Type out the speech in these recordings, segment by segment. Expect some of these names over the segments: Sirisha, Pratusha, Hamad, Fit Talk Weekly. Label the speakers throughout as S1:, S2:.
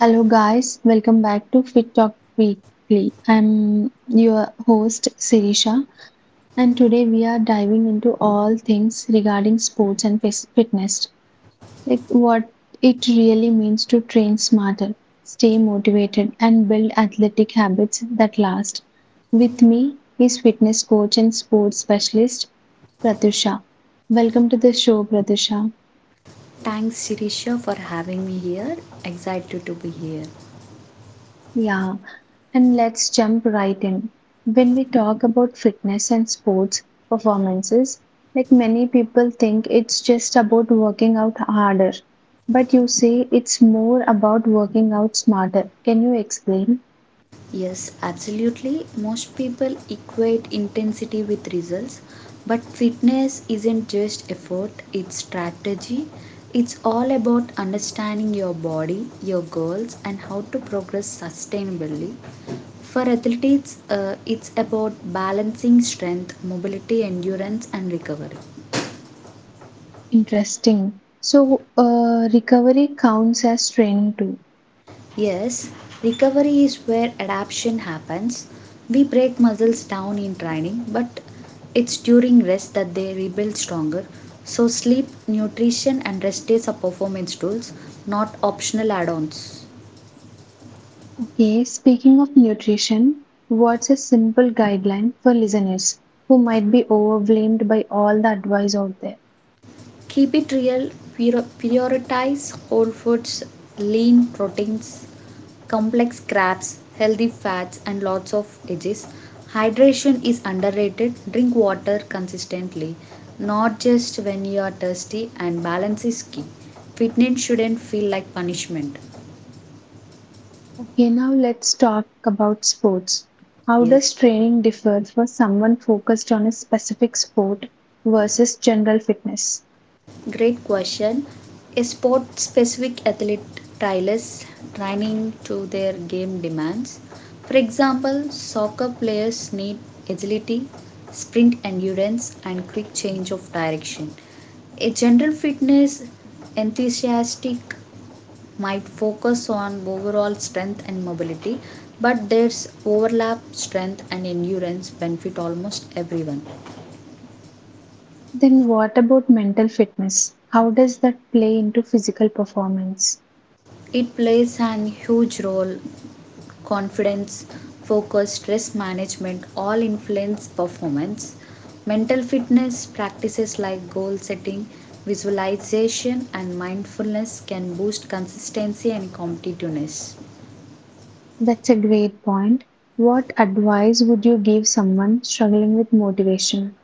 S1: Hello, guys. Welcome back to Fit Talk Weekly. I'm your host, Sirisha, and today we are diving into all things regarding sports and fitness, what it really means to train smarter, stay motivated, and build athletic habits that last. With me is fitness coach and sports specialist, Pratusha. Welcome to the show, Pratusha.
S2: Thanks, Sirisha, for having me here. Excited to be here.
S1: Yeah, and let's jump right in. When we talk about fitness and sports performances, many people think it's just about working out harder, but you say it's more about working out smarter. Can you explain?
S2: Yes, absolutely. Most people equate intensity with results, but fitness isn't just effort, it's strategy. It's all about understanding your body, your goals, and how to progress sustainably. For athletes, it's about balancing strength, mobility, endurance, and recovery.
S1: Interesting. So, recovery counts as training too.
S2: Yes, recovery is where adaptation happens. We break muscles down in training, but it's during rest that they rebuild stronger. So, sleep, nutrition, and rest days are performance tools, not optional add ons.
S1: Okay, speaking of nutrition, what's a simple guideline for listeners who might be overwhelmed by all the advice out there?
S2: Keep it real, prioritize whole foods, lean proteins, complex crabs, healthy fats, and lots of veggies. Hydration is underrated. Drink water consistently, not just when you are thirsty, and balance is key. Fitness shouldn't feel like punishment.
S1: Okay, now let's talk about sports. How
S2: Yes.
S1: does training differ for someone focused on a specific sport versus general fitness?
S2: Great question. A sport specific athlete tailors training to their game demands. For example, soccer players need agility, sprint endurance, and quick change of direction. A general fitness enthusiast might focus on overall strength and mobility, but there's overlap strength and endurance benefit almost everyone.
S1: Then, what about mental fitness? How does that play into physical performance?
S2: It plays an huge role confidence, focus, stress management all influence performance. Mental fitness practices like goal setting, visualization, and mindfulness can boost consistency and competitiveness.
S1: That's a great point. What advice would you give someone struggling with motivation?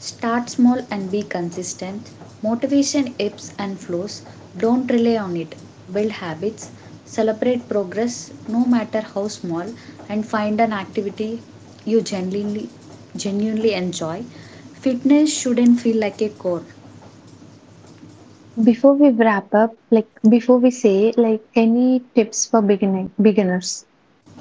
S2: Start small and be consistent. Motivation ebbs and flows. Don't rely on it. Build habits. Celebrate progress, no matter how small, and find an activity you genuinely, genuinely enjoy. Fitness shouldn't feel like a chore.
S1: Before we wrap up, before we say, any tips for beginning beginners?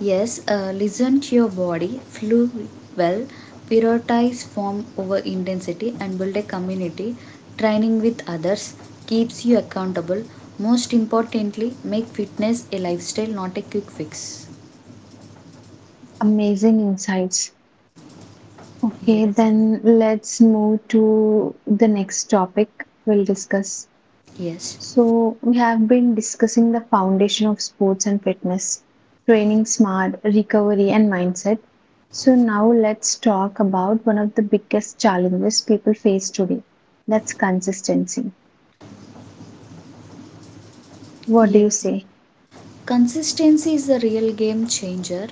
S2: Yes, listen to your body, flow well, prioritize form over intensity, and build a community. Training with others keeps you accountable. Most importantly, make fitness a lifestyle, not a quick fix.
S1: Amazing insights. Okay,
S2: Yes.
S1: then let's move to the next topic we'll discuss.
S2: Yes.
S1: So, we have been discussing the foundation of sports and fitness, training smart, recovery, and mindset. So, now let's talk about one of the biggest challenges people face today, that's consistency. What do you
S2: Yes.
S1: say?
S2: Consistency is the real game changer.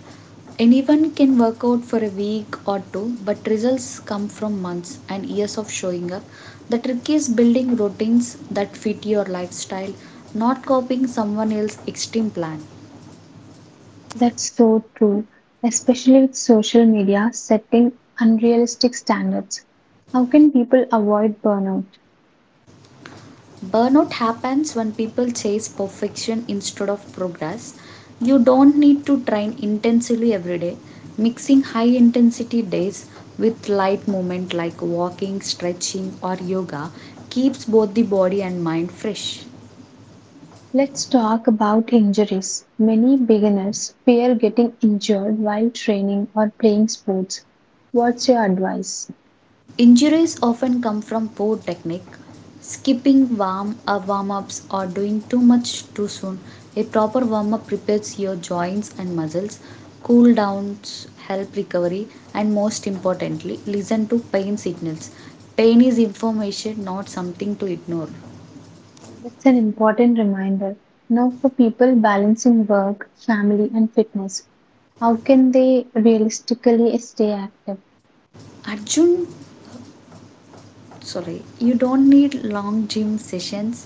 S2: Anyone can work out for a week or two, but results come from months and years of showing up. The trick is building routines that fit your lifestyle, not copying someone else's extreme plan.
S1: That's so true, especially with social media setting unrealistic standards. How can people avoid burnout?
S2: Burnout happens when people chase perfection instead of progress. You don't need to train intensely every day. Mixing high intensity days with light movement like walking, stretching, or yoga keeps both the body and mind fresh.
S1: Let's talk about injuries. Many beginners fear getting injured while training or playing sports. What's your advice?
S2: Injuries often come from poor technique, skipping warm-ups or doing too much too soon. A proper warm-up prepares your joints and muscles. Cool downs help recovery and most importantly, listen to pain signals. Pain is information, not something to ignore.
S1: That's an important reminder. Now, for people balancing work, family, and fitness, how can they realistically stay active?
S2: Arjun, sorry, you don't need long gym sessions.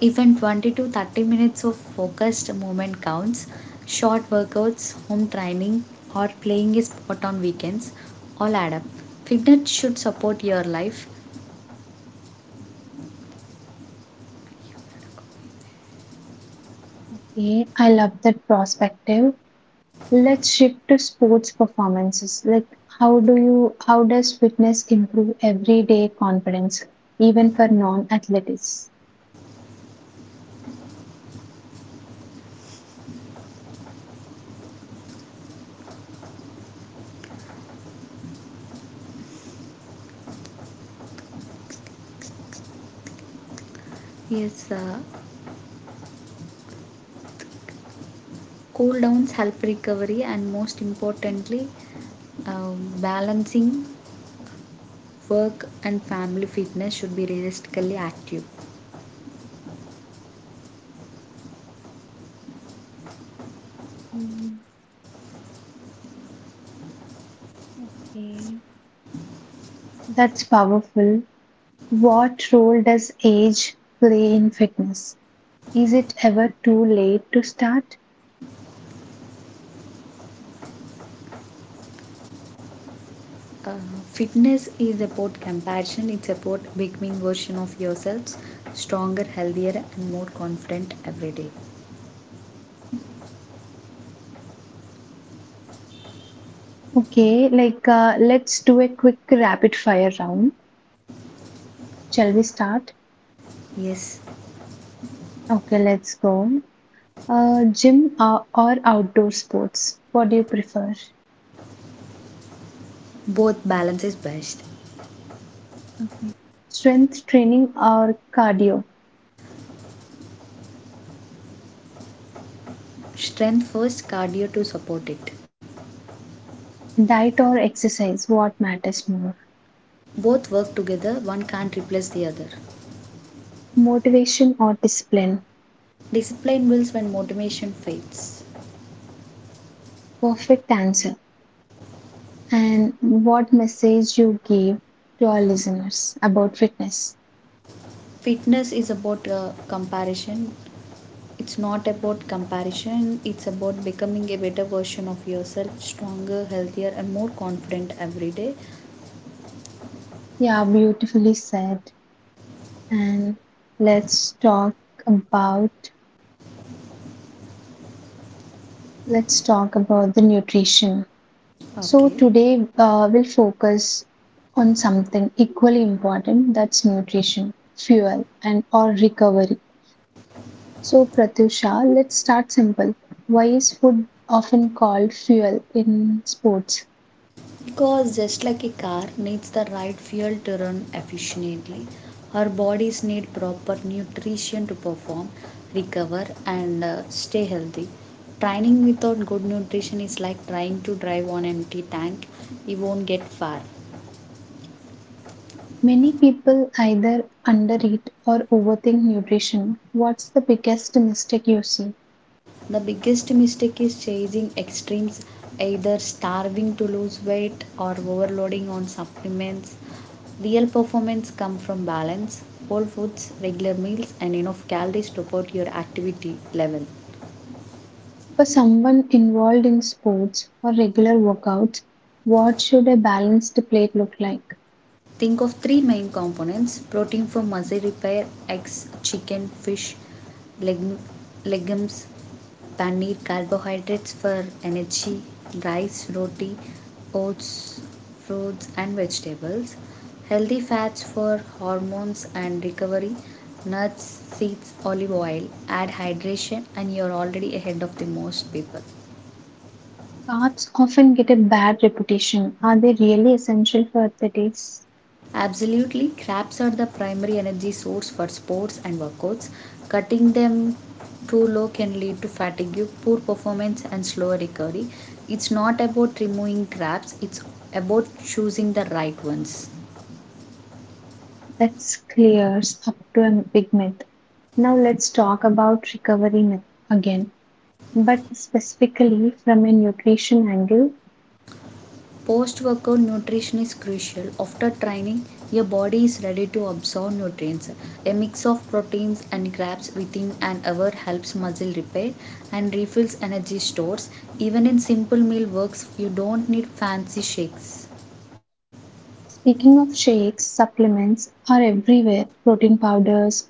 S2: Even 20 to 30 minutes of focused movement counts. Short workouts, home training, or playing a sport on weekends all add up. Fitness should support your life.
S1: Okay, I love that perspective. Let's shift to sports performances. How does fitness improve everyday confidence, even for non-athletes?
S2: Yes, cool downs help recovery, and most importantly, uh, balancing work and family fitness should be realistically active.
S1: Hmm. Okay, that's powerful. What role does age play in fitness? Is it ever too late to start?
S2: Uh, Fitness is about compassion, it's about becoming version of yourselves stronger, healthier, and more confident every day.
S1: Okay, let's do a quick rapid fire round. Shall we start?
S2: Yes,
S1: Okay, let's go. Gym or outdoor sports? What do you prefer?
S2: both balance is best.
S1: Okay. Strength training or cardio?
S2: Strength first, cardio to support it.
S1: Diet or exercise? What matters more?
S2: Both work together, one can't replace the other.
S1: Motivation or discipline?
S2: Discipline builds when motivation fades.
S1: Perfect answer. And what message you give to our listeners about fitness.
S2: Fitness is about comparison. It's not about comparison, it's about becoming a better version of yourself, stronger, healthier, and more confident every day.
S1: Yeah, beautifully said. And let's talk about let's talk about the nutrition. So
S2: Okay.
S1: today uh, we'll focus on something equally important, that's nutrition, fuel, and or recovery. So Pratyusha, let's start simple. Why is food often called fuel in sports?
S2: Because just like a car needs the right fuel to run efficiently, our bodies need proper nutrition to perform, recover, and stay healthy. Training without good nutrition is like trying to drive on empty tank. You won't get far.
S1: Many people either undereat or overthink nutrition. What's the biggest mistake you see?
S2: The biggest mistake is chasing extremes, either starving to lose weight or overloading on supplements. Real performance comes from balance, whole foods, regular meals, and enough calories to support your activity level.
S1: For someone involved in sports or regular workouts, what should a balanced plate look like?
S2: Think of three main components protein for muscle repair, eggs, chicken, fish, leg- legumes paneer carbohydrates for energy rice roti oats fruits and vegetables healthy fats for hormones and recovery nuts seeds olive oil add hydration and you're already ahead of the most people.
S1: Carbs often get a bad reputation. Are they really essential for athletes?
S2: Absolutely, crabs are the primary energy source for sports and workouts. Cutting them too low can lead to fatigue, poor performance, and slower recovery. It's not about removing crabs, it's about choosing the right ones.
S1: That clears up to a big myth. Now let's talk about recovery myth again, but specifically from a nutrition angle.
S2: Post workout nutrition is crucial. After training, your body is ready to absorb nutrients. A mix of proteins and carbs within an hour helps muscle repair and refills energy stores. Even in simple meal works, you don't need fancy shakes.
S1: Speaking of shakes, supplements are everywhere. Protein powders,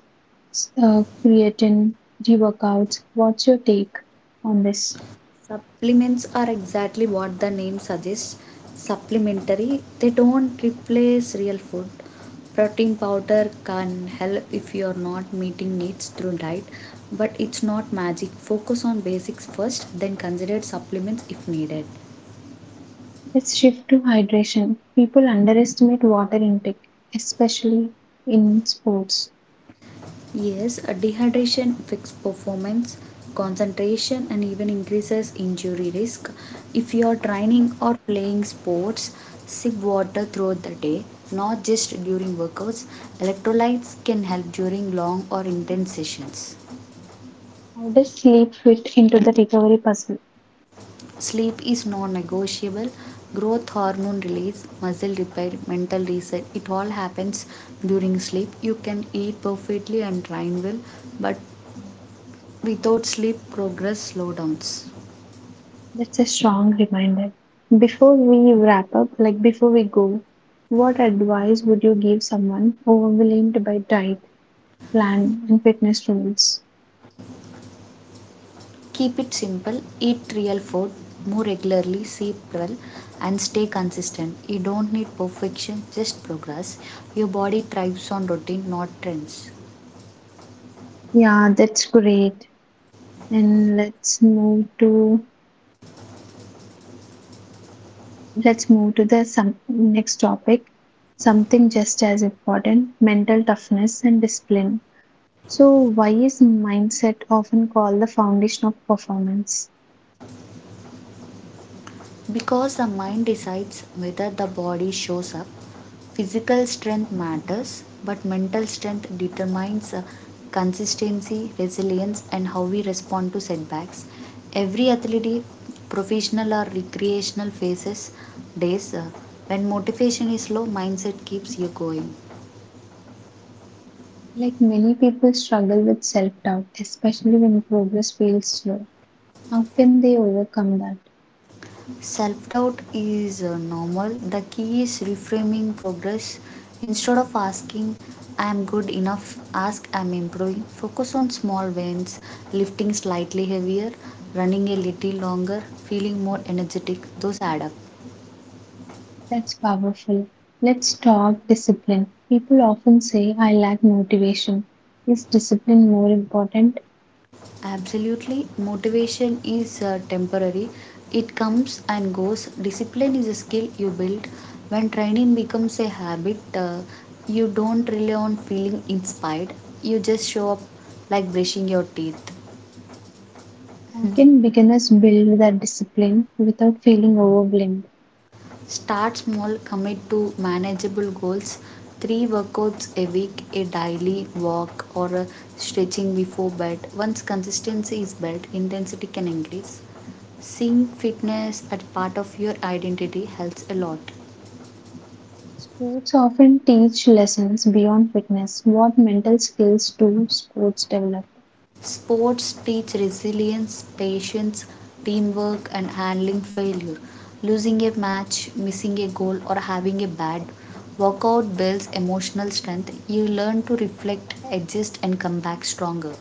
S1: creatine, reworkouts. What's your take on this?
S2: Supplements are exactly what the name suggests supplementary. They don't replace real food. Protein powder can help if you are not meeting needs through diet, but it's not magic. Focus on basics first, then consider supplements if needed.
S1: Let's shift to hydration. People underestimate water intake, especially in sports.
S2: Yes, dehydration affects performance, concentration, and even increases injury risk. If you are training or playing sports, sip water throughout the day, not just during workouts. Electrolytes can help during long or intense sessions.
S1: How does sleep fit into the recovery puzzle?
S2: Sleep is non negotiable. Growth hormone release, muscle repair, mental reset, it all happens during sleep. You can eat perfectly and train well, but without sleep, progress slowdowns.
S1: That's a strong reminder. Before we wrap up, before we go, what advice would you give someone overwhelmed by diet, plan, and fitness rules?
S2: Keep it simple, eat real food, move regularly, sleep well, and stay consistent. You don't need perfection, just progress. Your body thrives on routine, not trends.
S1: Yeah, that's great. And let's move to the some next topic, something just as important, mental toughness and discipline. So why is mindset often called the foundation of performance?
S2: Because the mind decides whether the body shows up, physical strength matters, but mental strength determines consistency, resilience, and how we respond to setbacks. Every athlete, professional or recreational, faces days when motivation is low, mindset keeps you going.
S1: Many people struggle with self-doubt, especially when progress feels slow. How can they overcome that?
S2: Self doubt is normal. The key is reframing progress. Instead of asking, I am good enough, ask, I am improving. Focus on small wins, lifting slightly heavier, running a little longer, feeling more energetic. Those add up.
S1: That's powerful. Let's talk discipline. People often say I lack motivation. Is discipline more important?
S2: Absolutely. Motivation is temporary, it comes and goes. Discipline is a skill you build. When training becomes a habit, you don't rely on feeling inspired, you just show up like brushing your teeth.
S1: How can beginners build that discipline without feeling overwhelmed?
S2: Start small, commit to manageable goals. Three workouts a week, a daily walk, or a stretching before bed. Once consistency is built, intensity can increase. Seeing fitness as part of your identity helps a lot.
S1: Sports often teach lessons beyond fitness. What mental skills do sports develop?
S2: Sports teach resilience, patience, teamwork, and handling failure. Losing a match, missing a goal, or having a bad workout builds emotional strength. You learn to reflect, adjust, and come back stronger.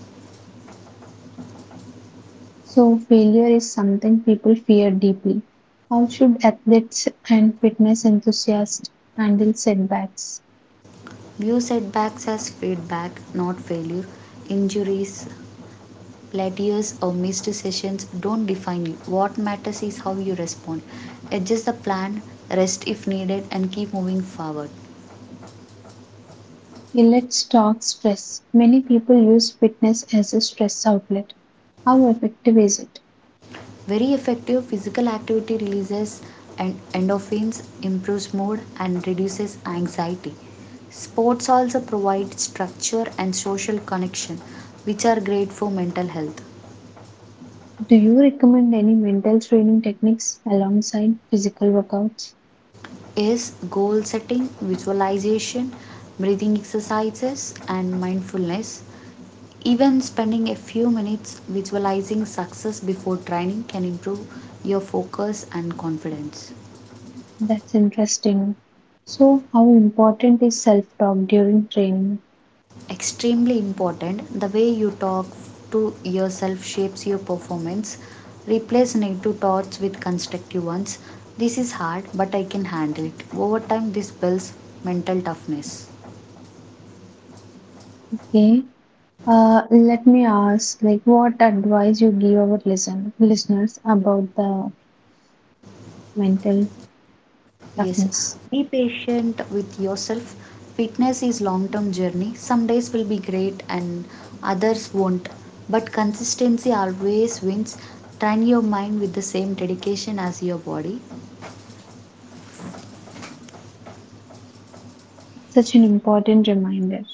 S1: So, failure is something people fear deeply. How should athletes and fitness enthusiasts handle setbacks?
S2: View setbacks as feedback, not failure. Injuries, plateaus or missed sessions don't define you. What matters is how you respond. Adjust the plan, rest if needed, and keep moving forward.
S1: Okay, let's talk stress. Many people use fitness as a stress outlet. How effective is it?
S2: Very effective physical activity releases and endorphins, improves mood, and reduces anxiety. Sports also provide structure and social connection, which are great for mental health.
S1: Do you recommend any mental training techniques alongside physical workouts?
S2: Is goal setting, visualization, breathing exercises, and mindfulness. Even spending a few minutes visualizing success before training can improve your focus and confidence.
S1: That's interesting. So, how important is self-talk during training?
S2: Extremely important the way you talk to yourself shapes your performance. Replace negative thoughts with constructive ones. This is hard, but I can handle it. Over time, this builds mental toughness.
S1: Okay, let me ask, what advice you give our listeners about the mental
S2: Yes, be
S1: toughness?
S2: patient with yourself. Fitness is long-term journey. Some days will be great and others won't. But consistency always wins. Train your mind with the same dedication as your body.
S1: Such an important reminder.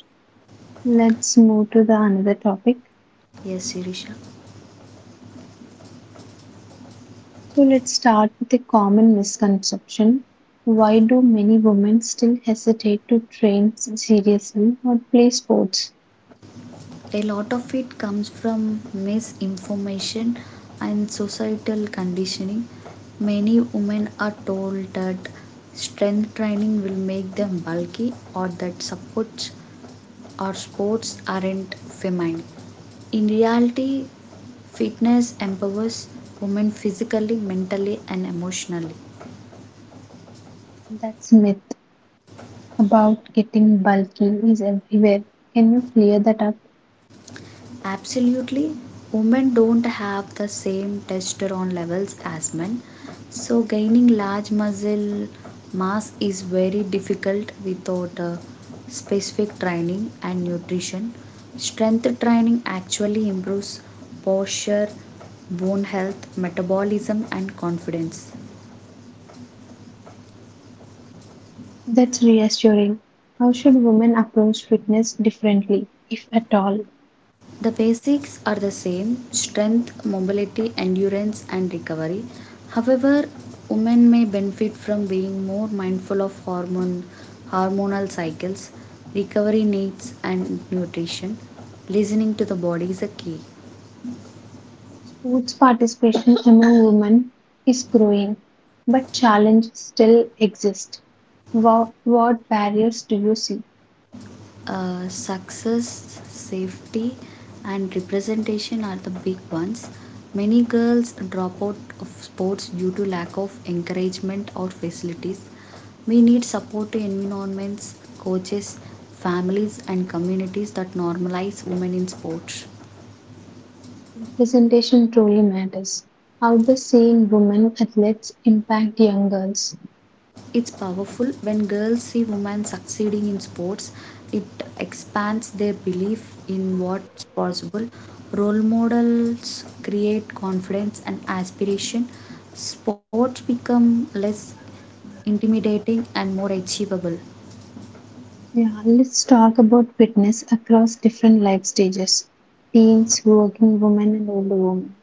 S1: Let's move to the another topic.
S2: Yes, Shirisha.
S1: So, let's start with a common misconception. Why do many women still hesitate to train seriously or play sports?
S2: A lot of it comes from misinformation and societal conditioning. Many women are told that strength training will make them bulky or that supports or sports aren't feminine. In reality, fitness empowers women physically, mentally, and emotionally.
S1: That's a myth about getting bulky is everywhere. Can you clear that up?
S2: Absolutely, women don't have the same testosterone levels as men, so gaining large muscle mass is very difficult without specific training and nutrition. Strength training actually improves posture, bone health, metabolism, and confidence.
S1: That's reassuring. How should women approach fitness differently, if at all?
S2: The basics are the same strength, mobility, endurance, and recovery. However, women may benefit from being more mindful of hormonal cycles, recovery needs, and nutrition. Listening to the body is a key.
S1: Sports participation among women is growing, but challenges still exist. What barriers do you see?
S2: Success, safety, and representation are the big ones. Many girls drop out of sports due to lack of encouragement or facilities. We need supportive environments, coaches, families, and communities that normalize women in sports.
S1: Representation truly matters. How does seeing women athletes impact young girls?
S2: It's powerful when girls see women succeeding in sports. It expands their belief in what's possible. Role models create confidence and aspiration. Sports become less intimidating and more achievable.
S1: Yeah, let's talk about fitness across different life stages, teens, working women, and older women.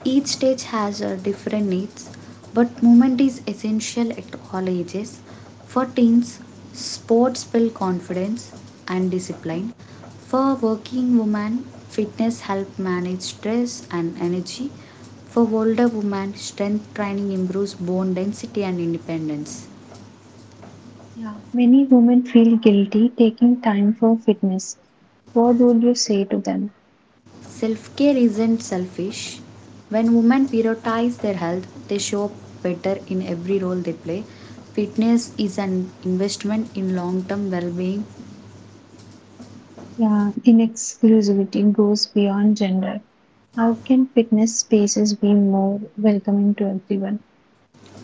S2: Each stage has different needs, but movement is essential at all ages. For teens, sports build confidence and discipline. For working women, fitness helps manage stress and energy. For older women, strength training improves bone density and independence.
S1: Yeah, many women feel guilty taking time for fitness. What would you say to them?
S2: Self care isn't selfish. When women prioritize their health, they show up better in every role they play. Fitness is an investment in long term well being.
S1: Yeah, inexclusivity goes beyond gender. How can fitness spaces be more welcoming to everyone?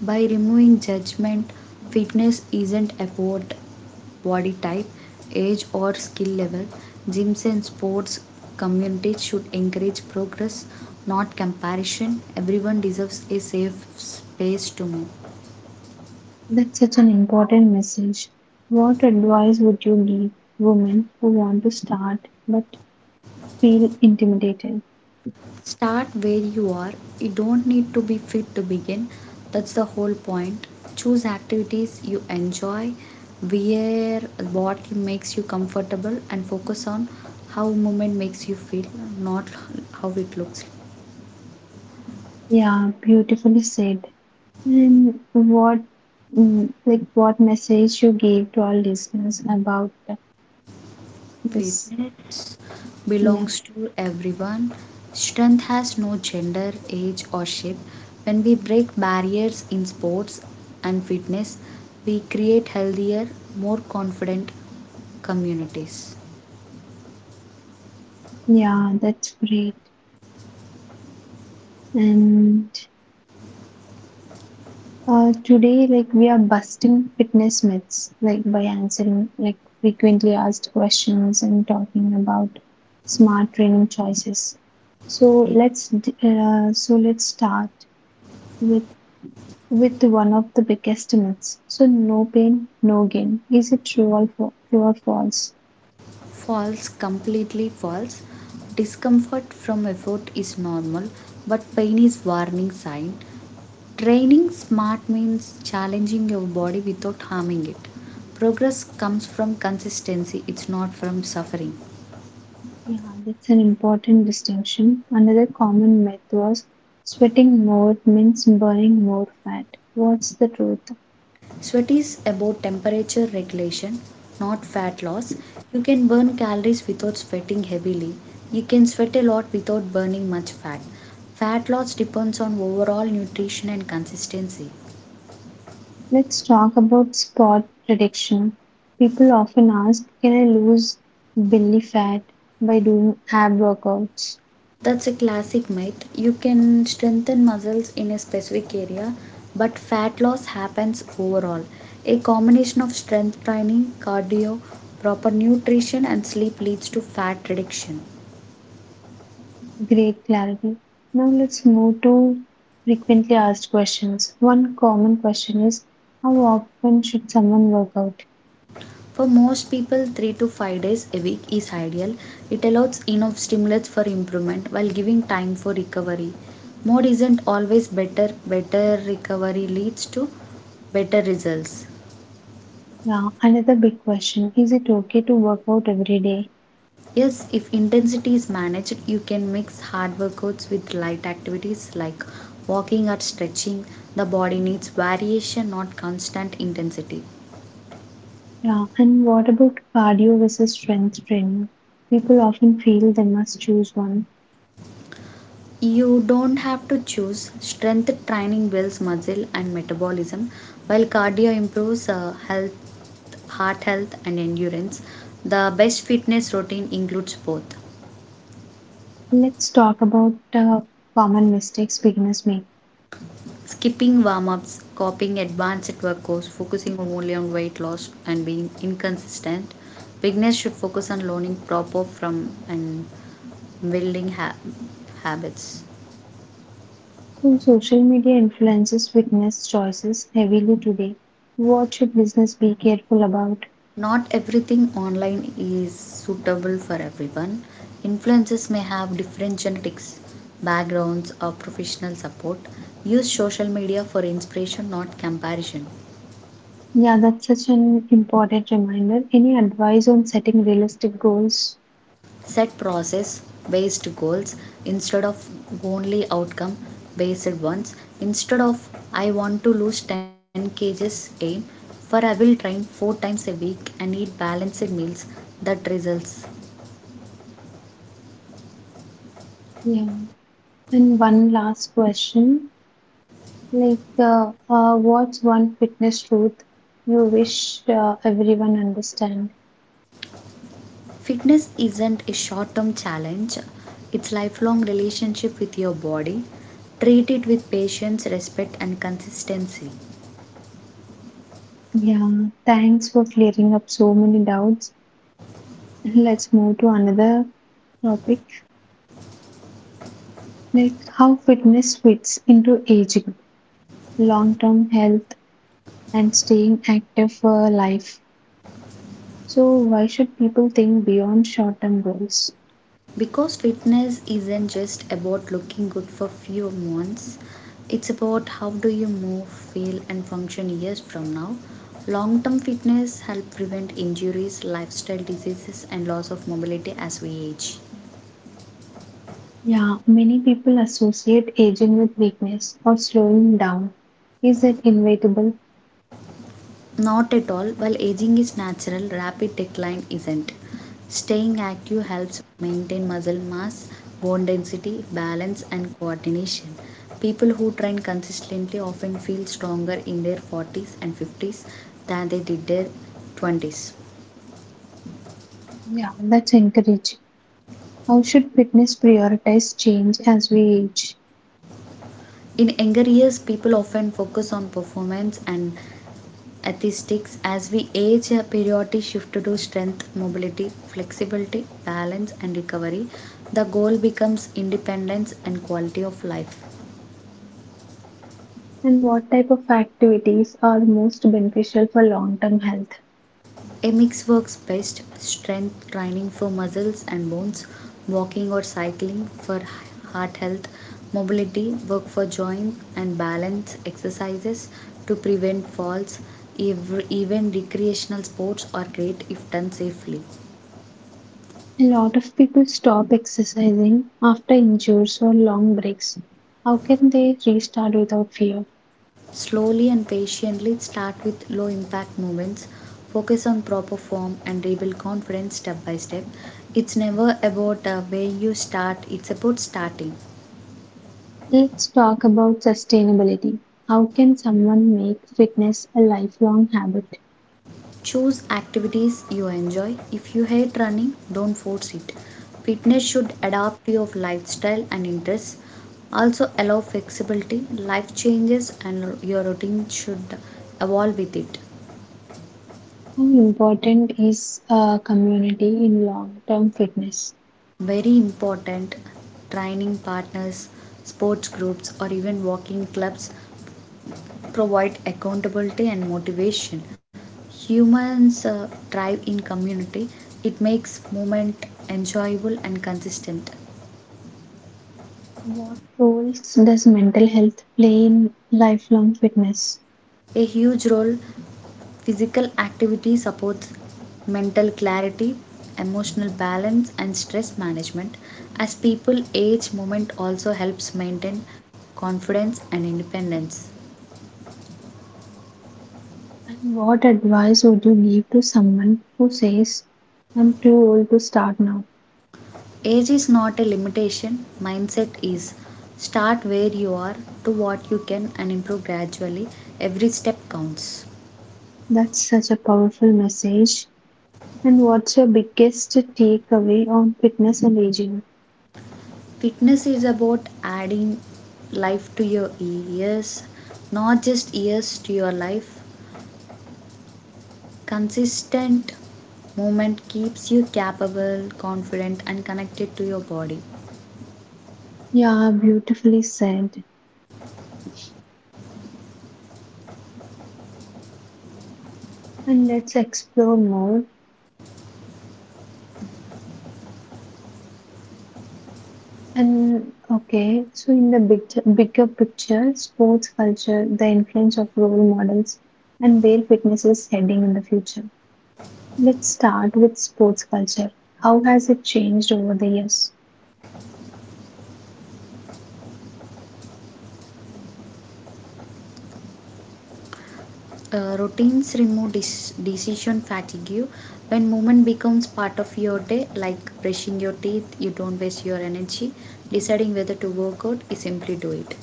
S2: By removing judgment, fitness isn't about body type, age, or skill level. Gyms and sports communities should encourage progress, not comparison. Everyone deserves a safe space to move.
S1: That's such an important message. What advice would you give women who want to start but feel intimidated?
S2: Start where you are. You don't need to be fit to begin. That's the whole point. Choose activities you enjoy, wear what makes you comfortable, and focus on how movement makes you feel, not how it looks.
S1: Yeah, beautifully said. And what message you gave to our listeners about this?
S2: Fitness
S1: Yeah,
S2: belongs to everyone. Strength has no gender, age, or shape. When we break barriers in sports and fitness, we create healthier, more confident communities.
S1: yeah, that's great. And today, we are busting fitness myths, by answering frequently asked questions and talking about smart training choices. So let's start with with one of the biggest myths. So no pain, no gain. Is it true or true or false?
S2: False, completely false. Discomfort from effort is normal, but pain is warning sign. Training smart means challenging your body without harming it. Progress comes from consistency, it's not from suffering.
S1: Yeah, that's an important distinction. Another common myth was sweating more means burning more fat. What's the truth?
S2: Sweat is about temperature regulation, not fat loss. You can burn calories without sweating heavily. You can sweat a lot without burning much fat. Fat loss depends on overall nutrition and consistency.
S1: Let's talk about spot reduction. People often ask, can I lose belly fat by doing ab workouts?
S2: That's a classic myth. You can strengthen muscles in a specific area, but fat loss happens overall. A combination of strength training, cardio, proper nutrition, and sleep leads to fat reduction.
S1: Great clarity. Now let's move to frequently asked questions. One common question is, how often should someone work out?
S2: For most people, 3 to 5 days a week is ideal. It allows enough stimulus for improvement while giving time for recovery. More isn't always better, better recovery leads to better results.
S1: Yeah, another big question, is it okay to work out every day?
S2: Yes, if intensity is managed, you can mix hard workouts with light activities like walking or stretching. The body needs variation, not constant intensity.
S1: Yeah, and what about cardio versus strength training? People often feel they must choose one.
S2: You don't have to choose. Strength training builds muscle and metabolism, while cardio improves health, heart health, and endurance. The best fitness routine includes both.
S1: Let's talk about common mistakes beginners make.
S2: Skipping warm ups, copying advanced workouts, focusing only on weight loss, and being inconsistent. Beginners should focus on learning proper from and building habits.
S1: So, social media influences fitness choices heavily today. What should listeners be careful about?
S2: Not everything online is suitable for everyone. Influencers may have different genetics, backgrounds, or professional support. Use social media for inspiration, not comparison.
S1: Yeah, that's such an important reminder. Any advice on setting realistic goals?
S2: Set process based goals instead of only outcome based ones. Instead of I want to lose 10 kgs, aim for I will train 4 times a week and eat balanced meals that results.
S1: Yeah, and one last question, what's one fitness truth you wish everyone understand?
S2: Fitness isn't a short term challenge, it's lifelong relationship with your body. Treat it with patience, respect and consistency.
S1: Yeah, thanks for clearing up so many doubts. Let's move to another topic, like how fitness fits into aging, long term health, and staying active for life. So, why should people think beyond short term goals?
S2: Because fitness isn't just about looking good for few months, it's about how do you move, feel and function years from now. Long term fitness help prevent injuries, lifestyle diseases and loss of mobility as we age.
S1: Yeah, many people associate aging with weakness or slowing down. Is that inevitable?
S2: Not at all. While aging is natural, rapid decline isn't. Staying active helps maintain muscle mass, bone density, balance, and coordination. People who train consistently often feel stronger in their 40s and 50s than they did their 20s.
S1: Yeah, that's encouraging. How should fitness prioritize change as we age?
S2: In younger years, people often focus on performance and atheistics. As we age, a periodic shift to strength, mobility, flexibility, balance, and recovery, the goal becomes independence and quality of life.
S1: And what type of activities are most beneficial for long term health?
S2: A mix works best, strength training for muscles and bones, walking or cycling for heart health, mobility work for joint and balance exercises to prevent falls. Even recreational sports are great if done safely.
S1: A lot of people stop exercising after injuries or long breaks. How can they restart without fear?
S2: Slowly and patiently start with low impact movements, focus on proper form and rebuild confidence step by step. It's never about where you start, it's about starting.
S1: Let's talk about sustainability. How can someone make fitness a lifelong habit?
S2: Choose activities you enjoy. If you hate running, don't force it. Fitness should adapt to your lifestyle and interests. Also, allow flexibility, life changes, and your routine should evolve with it.
S1: How important is a community in long term fitness?
S2: Very important. Training partners, sports groups or even walking clubs provide accountability and motivation. Humans thrive in community. It makes movement enjoyable and consistent.
S1: What roles does mental health play in lifelong fitness?
S2: A huge role. Physical activity supports mental clarity, emotional balance and stress management. As people age, movement also helps maintain confidence and independence.
S1: And what advice would you give to someone who says, I'm too old to start now?
S2: Age is not a limitation, mindset is. Start where you are, do what you can, and improve gradually. Every step counts.
S1: That's such a powerful message. And what's your biggest takeaway on fitness and aging?
S2: Fitness is about adding life to your years, not just years to your life. Consistent movement keeps you capable, confident, and connected to your body.
S1: Yeah, beautifully said. And let's explore more. And okay, so in the bigger picture, sports culture, the influence of role models, and where fitness is heading in the future. Let's start with sports culture. How has it changed over the years?
S2: Routines remove decision fatigue. When movement becomes part of your day, like brushing your teeth, you don't waste your energy deciding whether to work out, you simply do it.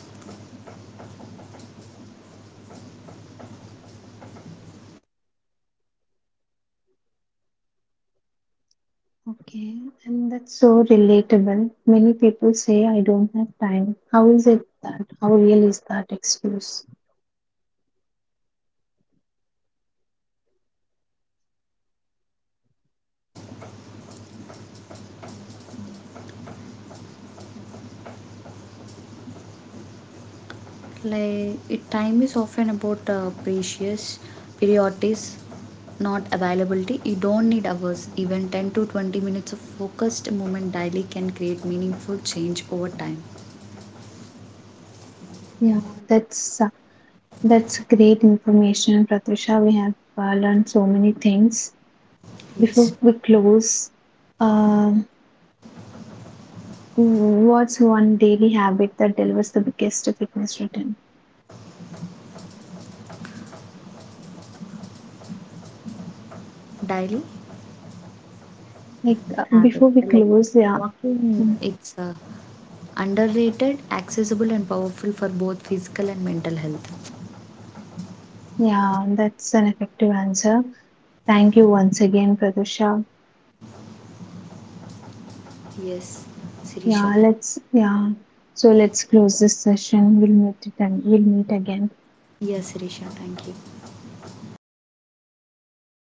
S1: Okay, and that's so relatable. Many people say, I don't have time. How is it that? How real is that excuse?
S2: Like it, time is often about precious priorities, not availability. You don't need hours, even 10 to 20 minutes of focused movement daily can create meaningful change over time.
S1: Yeah, that's uh, that's great information, Pratisha. We have learned so many things. Before
S2: Yes.
S1: we close, um, what's one daily habit that delivers the biggest fitness return?
S2: Daily habit,
S1: Before we
S2: like
S1: close, yeah,
S2: walking.
S1: mm,
S2: It's a underrated, accessible, and powerful for both physical and mental health.
S1: yeah, that's an effective answer. Thank you once again, Pratisha.
S2: Yes,
S1: Yeah,
S2: Sirisha.
S1: let's yeah. So let's close this session. We'll meet again.
S2: Yes, Sirisha, thank you.